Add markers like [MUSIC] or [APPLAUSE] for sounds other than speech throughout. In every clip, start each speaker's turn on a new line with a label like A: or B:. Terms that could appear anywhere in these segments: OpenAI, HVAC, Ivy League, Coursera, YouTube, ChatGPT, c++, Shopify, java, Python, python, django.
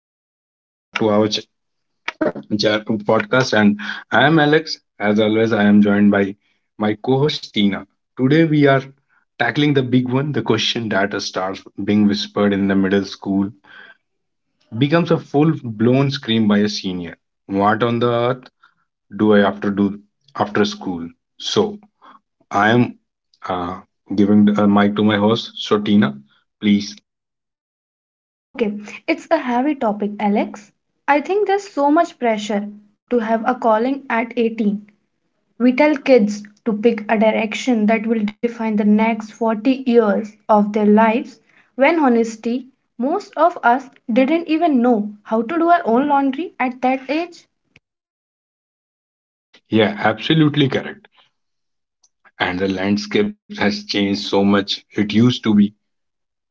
A: Hello, guys. Welcome back to our podcast. And I am Alex. As always, I am joined by my co host, Tina. Today, we are tackling the big one, the question that starts being whispered in the middle school, becomes a full blown scream by a senior. What on the earth do I have to do after school? So, I am uh, giving the mic to my host. So, Tina, please.
B: Okay, it's a heavy topic, Alex. I think there's so much pressure to have a calling at 18. We tell kids to pick a direction that will define the next 40 years of their lives, when honesty, most of us didn't even know how to do our own laundry at that age.
A: Yeah, absolutely correct, and the landscape has changed so much. It used to be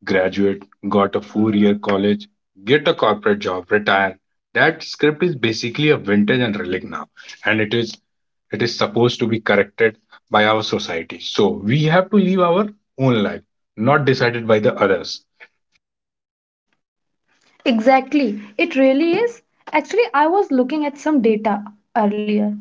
A: graduate, got a 4 year college, get a corporate job, retire. That script is basically a vintage and relic now, and it is supposed to be corrected by our society. So we have to live our own life, not decided by the others.
B: Exactly, it really is. Actually, I was looking at some data earlier.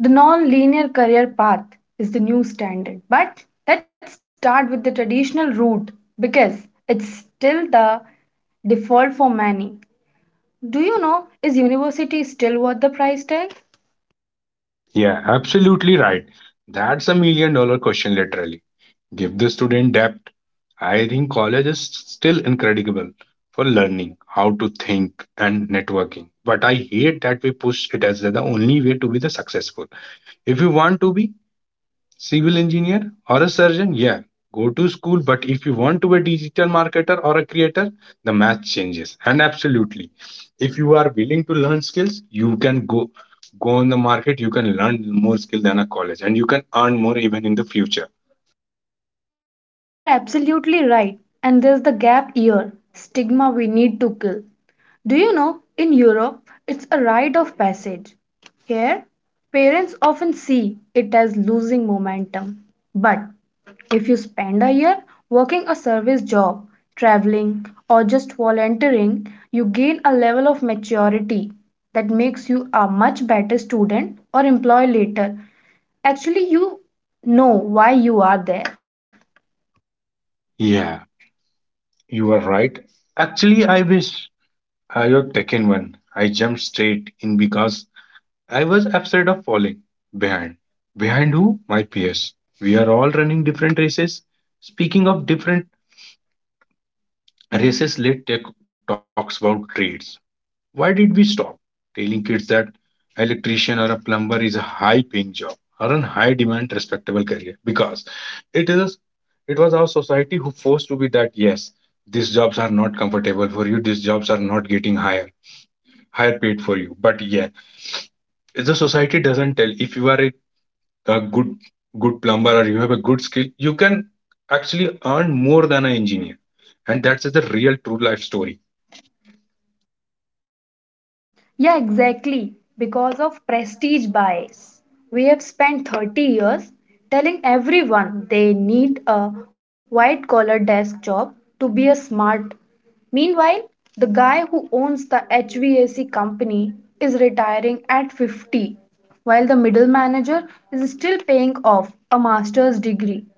B: The non linear career path is the new standard. But let's start with the traditional route because it's still the default for many. Do you know, is university still worth the price tag?
A: Yeah, absolutely right. That's a million dollar question, literally. Give the student depth. I think college is still incredible for learning how to think and networking. But I hate that we push it as the only way to be the successful. If you want to be civil engineer or a surgeon, yeah, go to school. But if you want to be a digital marketer or a creator, the math changes. And absolutely, if you are willing to learn skills, you can go on the market. You can learn more skill than a college, and you can earn more even in the future.
B: You are absolutely right. And there's the gap year stigma we need to kill. Do you know, in Europe, it's a rite of passage. Here, parents often see it as losing momentum. But if you spend a year working a service job, traveling, or just volunteering, you gain a level of maturity that makes you a much better student or employee later. Actually, you know why you are there.
A: Yeah, you are right. Actually, I wish I had taken one. I jumped straight in because I was afraid of falling behind. Behind who? My peers. We are all running different races. Speaking of different races, let's take talks about trades. Why did we stop telling kids that electrician or a plumber is a high paying job or a high demand respectable career? Because it is it was our society who forced to be that. Yes, these jobs are not comfortable for you, these jobs are not getting higher paid for you. But yeah, the society doesn't tell if you are a good good plumber or you have a good skill, you can actually earn more than an engineer. And that's the real true life story.
B: Yeah, exactly. Because of prestige bias. We have spent 30 years telling everyone they need a white collar desk job to be a smart. Meanwhile, the guy who owns the HVAC company is retiring at 50, while the middle manager is still paying off a master's degree.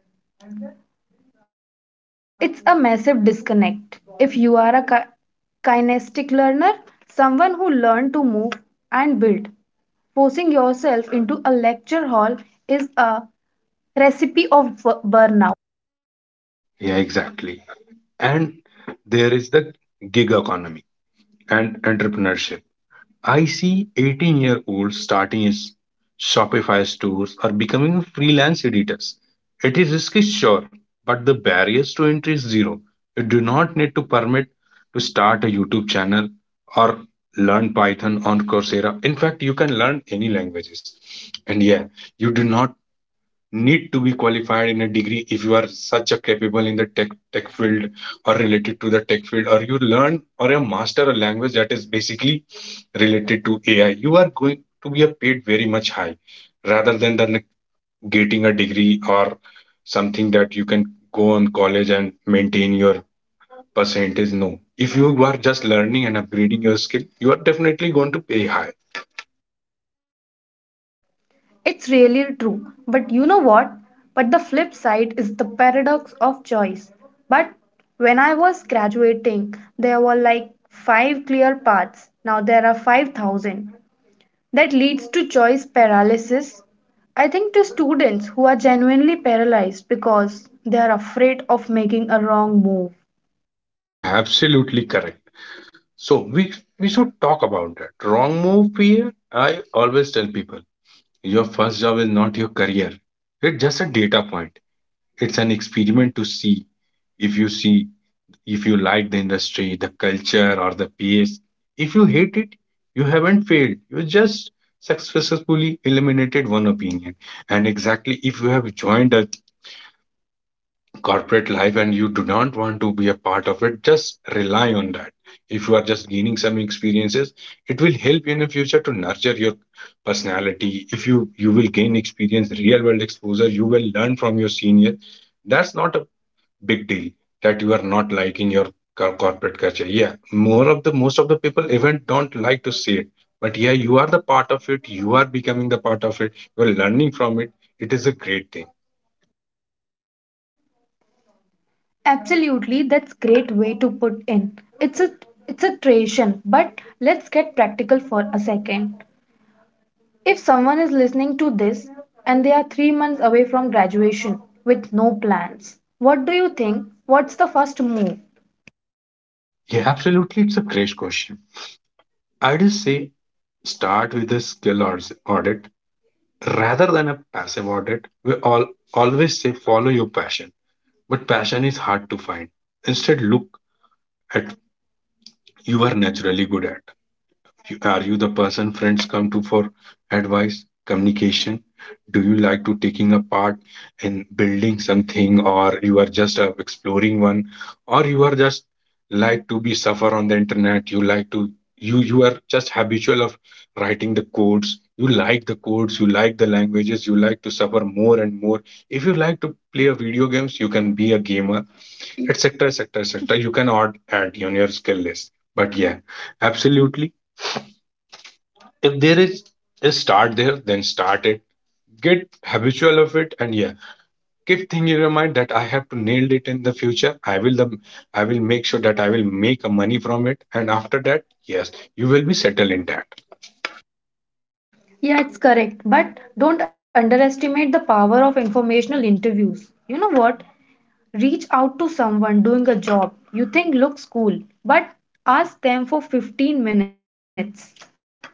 B: It's a massive disconnect. If you are a kinesthetic learner, someone who learned to move and build, forcing yourself into a lecture hall is a recipe of burnout.
A: Yeah, exactly. And there is the gig economy and entrepreneurship. I see 18-year-olds starting his Shopify stores or becoming freelance editors. It is risky, sure, but the barriers to entry is zero. You do not need to permit to start a YouTube channel or learn Python on Coursera. In fact, you can learn any languages. And yeah, you do not need to be qualified in a degree if you are such a capable in the tech field or related to the tech field, or you learn or you master a language that is basically related to AI. You are going to be a paid very much high rather than getting a degree or something that you can go on college and maintain your percentage. No, if you are just learning and upgrading your skill, you are definitely going to pay high.
B: It's really true. But you know what? But the flip side is the paradox of choice. But when I was graduating, there were like five clear paths. Now there are 5,000. That leads to choice paralysis. I think to students who are genuinely paralyzed because they are afraid of making a wrong move.
A: Yeah, absolutely correct. So we should talk about that. Wrong move fear. I always tell people your first job is not your career. It's just a data point. It's an experiment to see if you see if you like the industry, the culture, or the pace. If you hate it, you haven't failed. You just successfully eliminated one opinion. And exactly, if you have joined a corporate life and you do not want to be a part of it, just rely on that. If you are just gaining some experiences, it will help you in the future to nurture your personality. If you will gain experience, real world exposure, you will learn from your senior. That's not a big deal that you are not liking your corporate culture. Yeah, more of the most of the people even don't like to say it. But yeah, you are the part of it. You are becoming the part of it. You are learning from it. It is a great thing.
B: Absolutely, that's great way to put in. It's a tradition, but let's get practical for a second. If someone is listening to this and they are 3 months away from graduation with no plans, what do you think? What's the first move?
A: Yeah, absolutely. It's a great question. I just say start with a skill or audit rather than a passive audit. We all always say follow your passion, but passion is hard to find. Instead, look at you are naturally good at. Are you the person friends come to for advice, communication? Do you like to taking a part in building something, or you are just exploring one, or you are just like to be suffer on the internet? You like to you are just habitual of writing the codes. You like the codes, you like the languages, you like to suffer more and more. If you like to play a video games, you can be a gamer, etc, etc, etc. You can add on your skill list. But yeah, absolutely, if there is a start there, then start it. Get habitual of it. And yeah, keep thinking in your mind that I have to nail it in the future. I will make sure that I will make a money from it, and after that, yes, you will be settled in that.
B: Yeah, it's correct, but don't underestimate the power of informational interviews. You know what? Reach out to someone doing a job you think looks cool, but ask them for 15 minutes.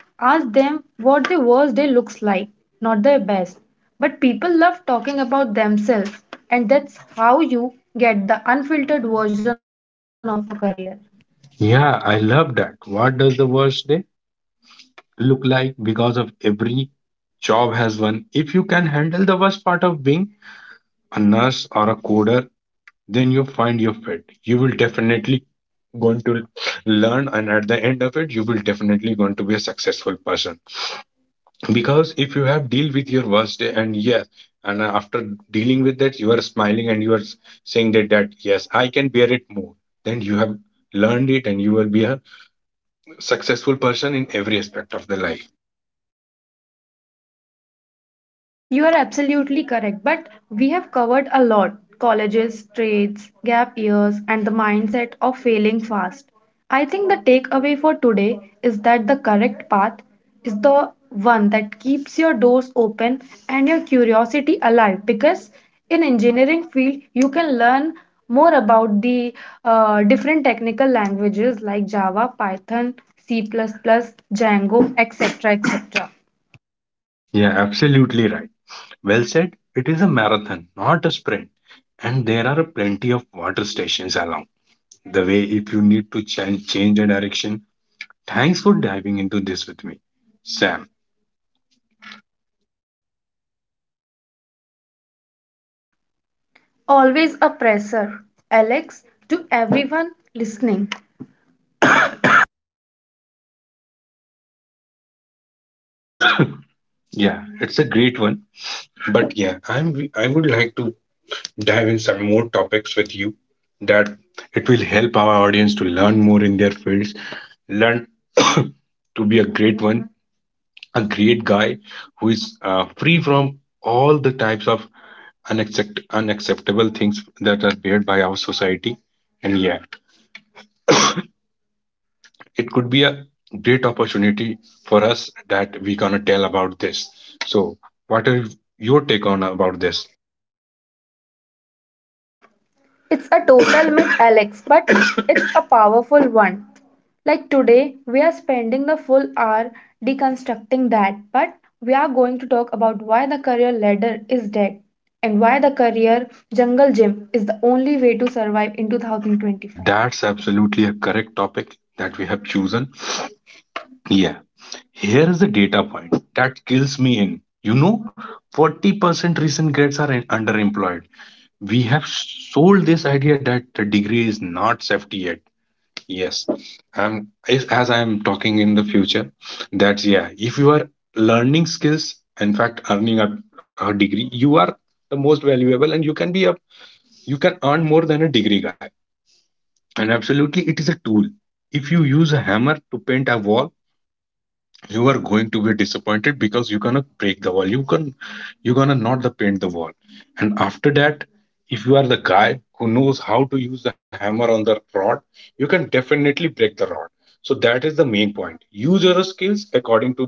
B: Ask them what their worst day looks like, not their best. But people love talking about themselves, and that's how you get the unfiltered version of a career.
A: Yeah, I love that. What does the worst day look like? Because of every job has one. If you can handle the worst part of being a nurse or a coder, then you find your fit. You will definitely going to learn, and at the end of it, you will definitely going to be a successful person. Because if you have deal with your worst day, and yes, and after dealing with that, you are smiling and you are saying that yes, I can bear it more, then you have learned it, and you will be a successful person in every aspect of the life.
B: You are absolutely correct, but we have covered a lot colleges, trades, gap years, and the mindset of failing fast. I think the takeaway for today is that the correct path is the one that keeps your doors open and your curiosity alive, because in engineering field you can learn more about the different technical languages like java python c++ django etc etc.
A: Yeah, absolutely right. Well said. It is a marathon, not a sprint, and there are plenty of water stations along the way if you need to change the direction. Thanks for diving into this with me, Sam.
B: Always a pressure, Alex, to everyone listening.
A: Yeah, it's a great one. But yeah, I would like to dive in some more topics with you that it will help our audience to learn more in their fields, learn [COUGHS] to be a great one, a great guy who is free from all the types of unacceptable things that are beared by our society. And yeah, it could be a great opportunity for us that we're gonna tell about this. So, what are your take on about this?
B: It's a total [COUGHS] myth, Alex, but it's a powerful one. Like today, we are spending the full hour deconstructing that, but we are going to talk about why the career ladder is dead and why the career jungle gym is the only way to survive in
A: Yeah,
B: 2025.
A: that's absolutely a correct topic that we have chosen. Yeah, here is the data point that kills me in. You know, 40% recent grads are underemployed. We have sold this idea that the degree is not safety yet. Yes. And if, as I am talking in the future, that's yeah, if you are learning skills, in fact, earning a degree, you are the most valuable, and you can be a you can earn more than a degree guy. And absolutely, it is a tool. If you use a hammer to paint a wall, you are going to be disappointed because you're gonna break the wall. You can you're gonna not the paint the wall. And after that, if you are the guy who knows how to use the hammer on the rod, you can definitely break the rod. So that is the main point, use your skills according to the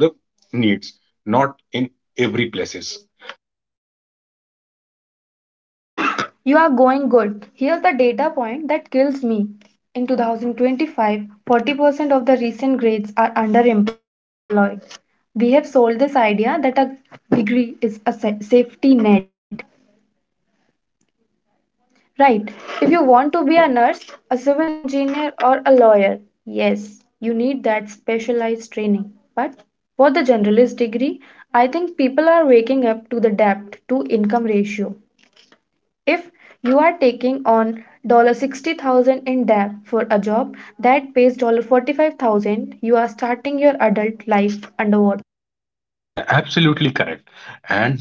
A: needs, not in every places.
B: You are going good. Here's the data point that kills me. In 2025, 40% of the recent grades are underemployed. We have sold this idea that a degree is a safety net. Right. If you want to be a nurse, a civil engineer, or a lawyer, yes, you need that specialized training. But for the generalist degree, I think people are waking up to the debt to income ratio. If you are taking on 60,000 in debt for a job that pays 45,000, you are starting your adult life underwater.
A: Yeah, absolutely correct. and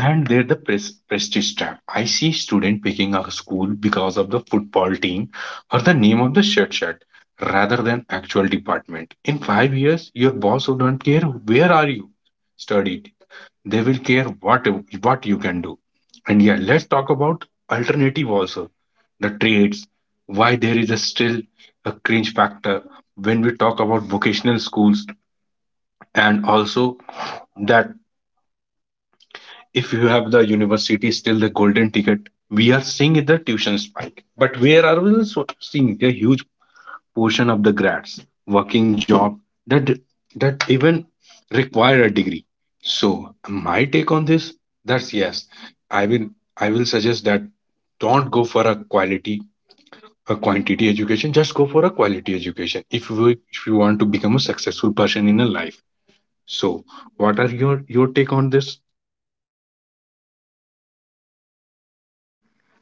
A: and they're the prestige tag. I see student picking a school because of the football team or the name of the shirt rather than actual department. In 5 years, your boss will not care where are you studied. They will care what you can do. And yeah, let's talk about alternative also. The trades, why there is a still a cringe factor when we talk about vocational schools, and also that if you have the university still the golden ticket. We are seeing the tuition spike, but where are we also seeing a huge portion of the grads working job that that even require a degree. So my take on this, that's yes, i will I will suggest that don't go for a quality a quantity education. Just go for a quality education if you want to become a successful person in a life. So what are your take on this?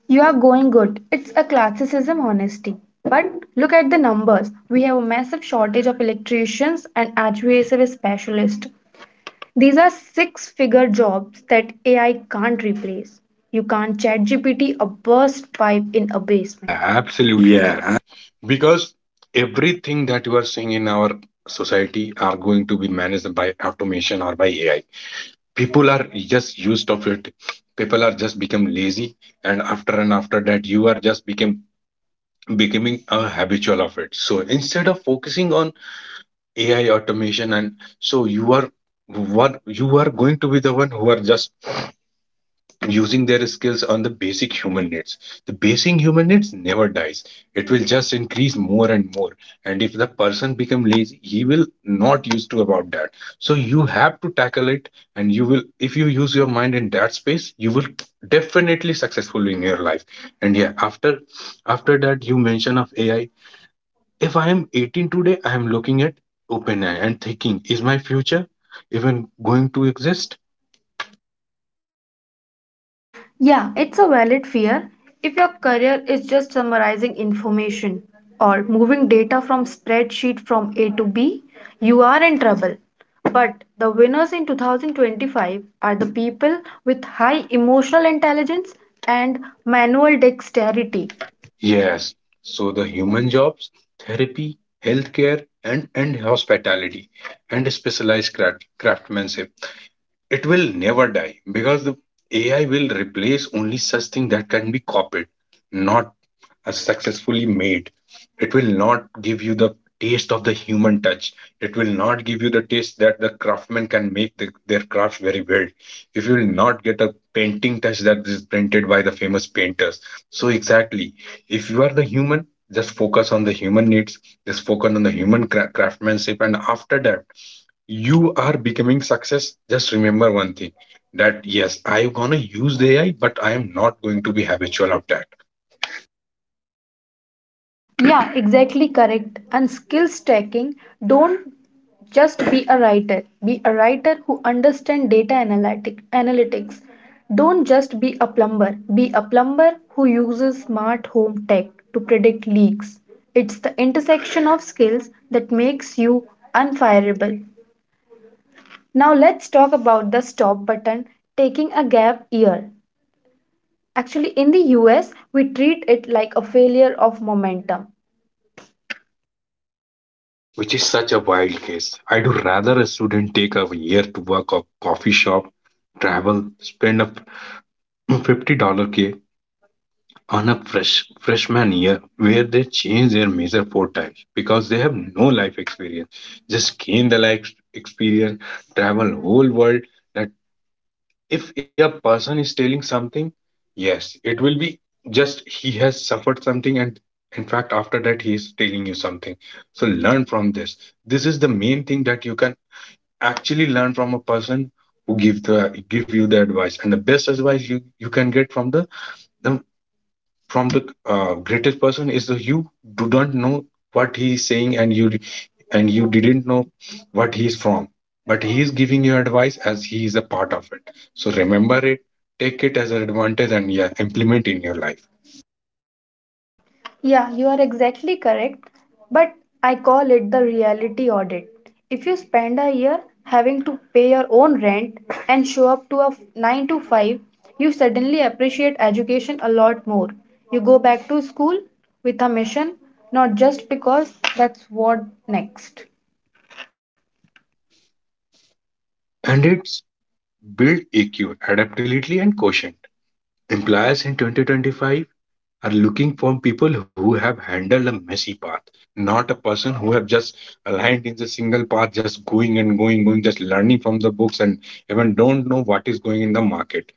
B: You are going good. It's a classicism honesty. But look at the numbers. We have a massive shortage of electricians and HVAC specialists. These are six-figure jobs that AI can't replace. You can't chat GPT a burst pipe in a
A: Yeah,
B: basement.
A: absolutely correct.
B: Yeah.
A: Because everything that you are seeing in our society are going to be managed by automation or by ai. People are just used of it. People are just become lazy, and after that you are just become becoming a habitual of it. So instead of focusing on AI automation and so you are what you are going to be the one who are just using their skills on the basic human needs. The basic human needs never dies. It will just increase more and more. And if the person become lazy, he will not used to about that. So you have to tackle it and you will if you use your mind in that space, you will definitely successful in your life. And yeah, after that you mention of AI. If I am 18 today, I am looking at OpenAI and thinking, is my future even going to exist?
B: Yeah, it's a valid fear. If your career is just summarizing information or moving data from spreadsheet from A to B, you are in trouble. But the winners in 2025 are the people with high emotional intelligence and manual dexterity.
A: Yes. So the human jobs, therapy, healthcare, and hospitality, and specialized craft, craftsmanship. It will never die because the AI will replace only such thing that can be copied, not successfully made. It will not give you the taste of the human touch. It will not give you the taste that the craftsmen can make their craft very well. If you will not get a painting touch that is printed by the famous painters. So exactly, if you are the human, just focus on the human needs. Just focus on the human craftsmanship, and after that you are becoming success, just remember one thing that yes, I'm gonna use the AI, but I am not going to be habitual of that,
B: Yeah, exactly correct. And skill stacking, don't just be a writer. Be a writer who understands data analytics. Don't just be a plumber. Be a plumber who uses smart home tech to predict leaks. It's the intersection of skills that makes you unfireable. Now let's talk about the stop button taking a gap year. Actually, in the US, we treat it like a failure of momentum.
A: which is such a wild case. I do rather a student take a year to work a coffee shop, travel, spend a $50K on a freshman year where they change their major four times because they have no life experience. Just gain the life experience, travel whole world. That if a person is telling something, yes, it will be, just he has suffered something, and in fact after that he is telling you something. So learn from this. This is the main thing that you can actually learn from a person who give you the advice. And the best advice you can get from the from the greatest person is, the you do not know what he is saying, and you didn't know what he is from, but he is giving you advice as he is a part of it. So remember it, take it as an advantage, and yeah, implement in your life.
B: Yeah, you are exactly correct. But I call it the reality audit. If you spend a year having to pay your own rent and show up to a 9 to 5, you suddenly appreciate education a lot more. You go back to school with a mission, not just because that's what next.
A: And it's build EQ, adaptability and quotient. Employers in 2025 are looking for people who have handled a messy path, not a person who have just aligned in the single path, just going and going, going, just learning from the books and even don't know what is going in the market.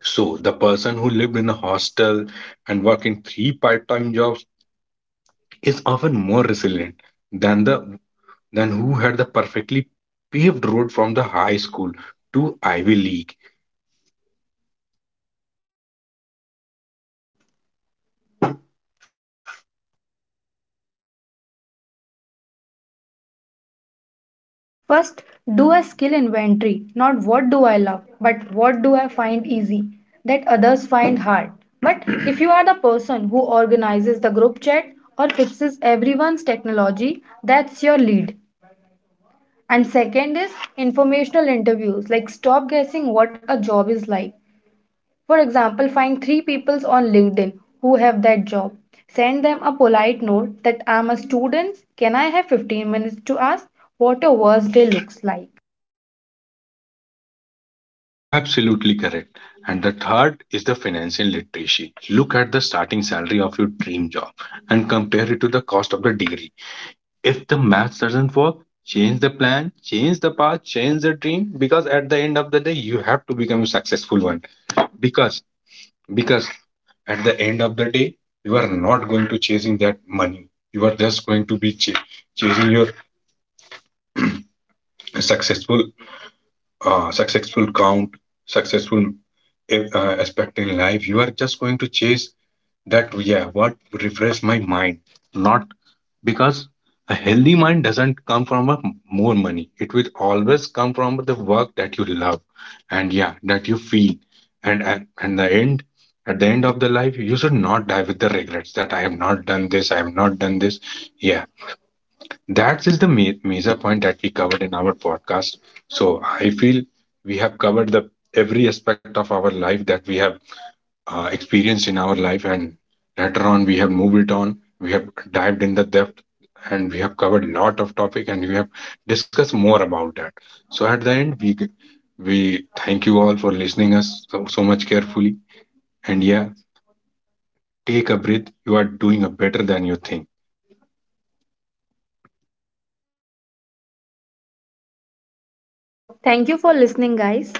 A: So the person who lived in a hostel and working three part-time jobs is often more resilient than the than who had the perfectly paved road from the high school to Ivy League.
B: First, do a skill inventory, not what do I love, but what do I find easy that others find hard. But if you are the person who organizes the group chat or fixes everyone's technology, that's your lead. And second is informational interviews, like stop guessing what a job is like. For example, find three people on LinkedIn who have that job. Send them a polite note that I'm a student. Can I have 15 minutes to ask what your worst day looks like?
A: Yeah, absolutely correct. And the third is the financial literacy. Look at the starting salary of your dream job and compare it to the cost of the degree. If the math doesn't work, change the plan, change the path, change the dream, because at the end of the day you have to become a successful one. Because because at the end of the day, you are not going to chasing that money. You are just going to be chasing your successful, successful count, successful aspect in life. You are just going to chase that, yeah, what refresh my mind. Not because a healthy mind doesn't come from a more money. It will always come from the work that you love and, yeah, that you feel. And at, and the end, at the end of the life, you should not die with the regrets that I have not done this, I have not done this. Yeah, that is the major point that we covered in our podcast. So I feel we have covered the every aspect of our life that we have experienced in our life, and later on we have moved it on. We have dived in the depth, and we have covered lot of topic, and we have discussed more about that. So at the end, we thank you all for listening us so, so much carefully. And yeah, take a breath. You are doing a better than you think.
B: Thank you for listening, guys.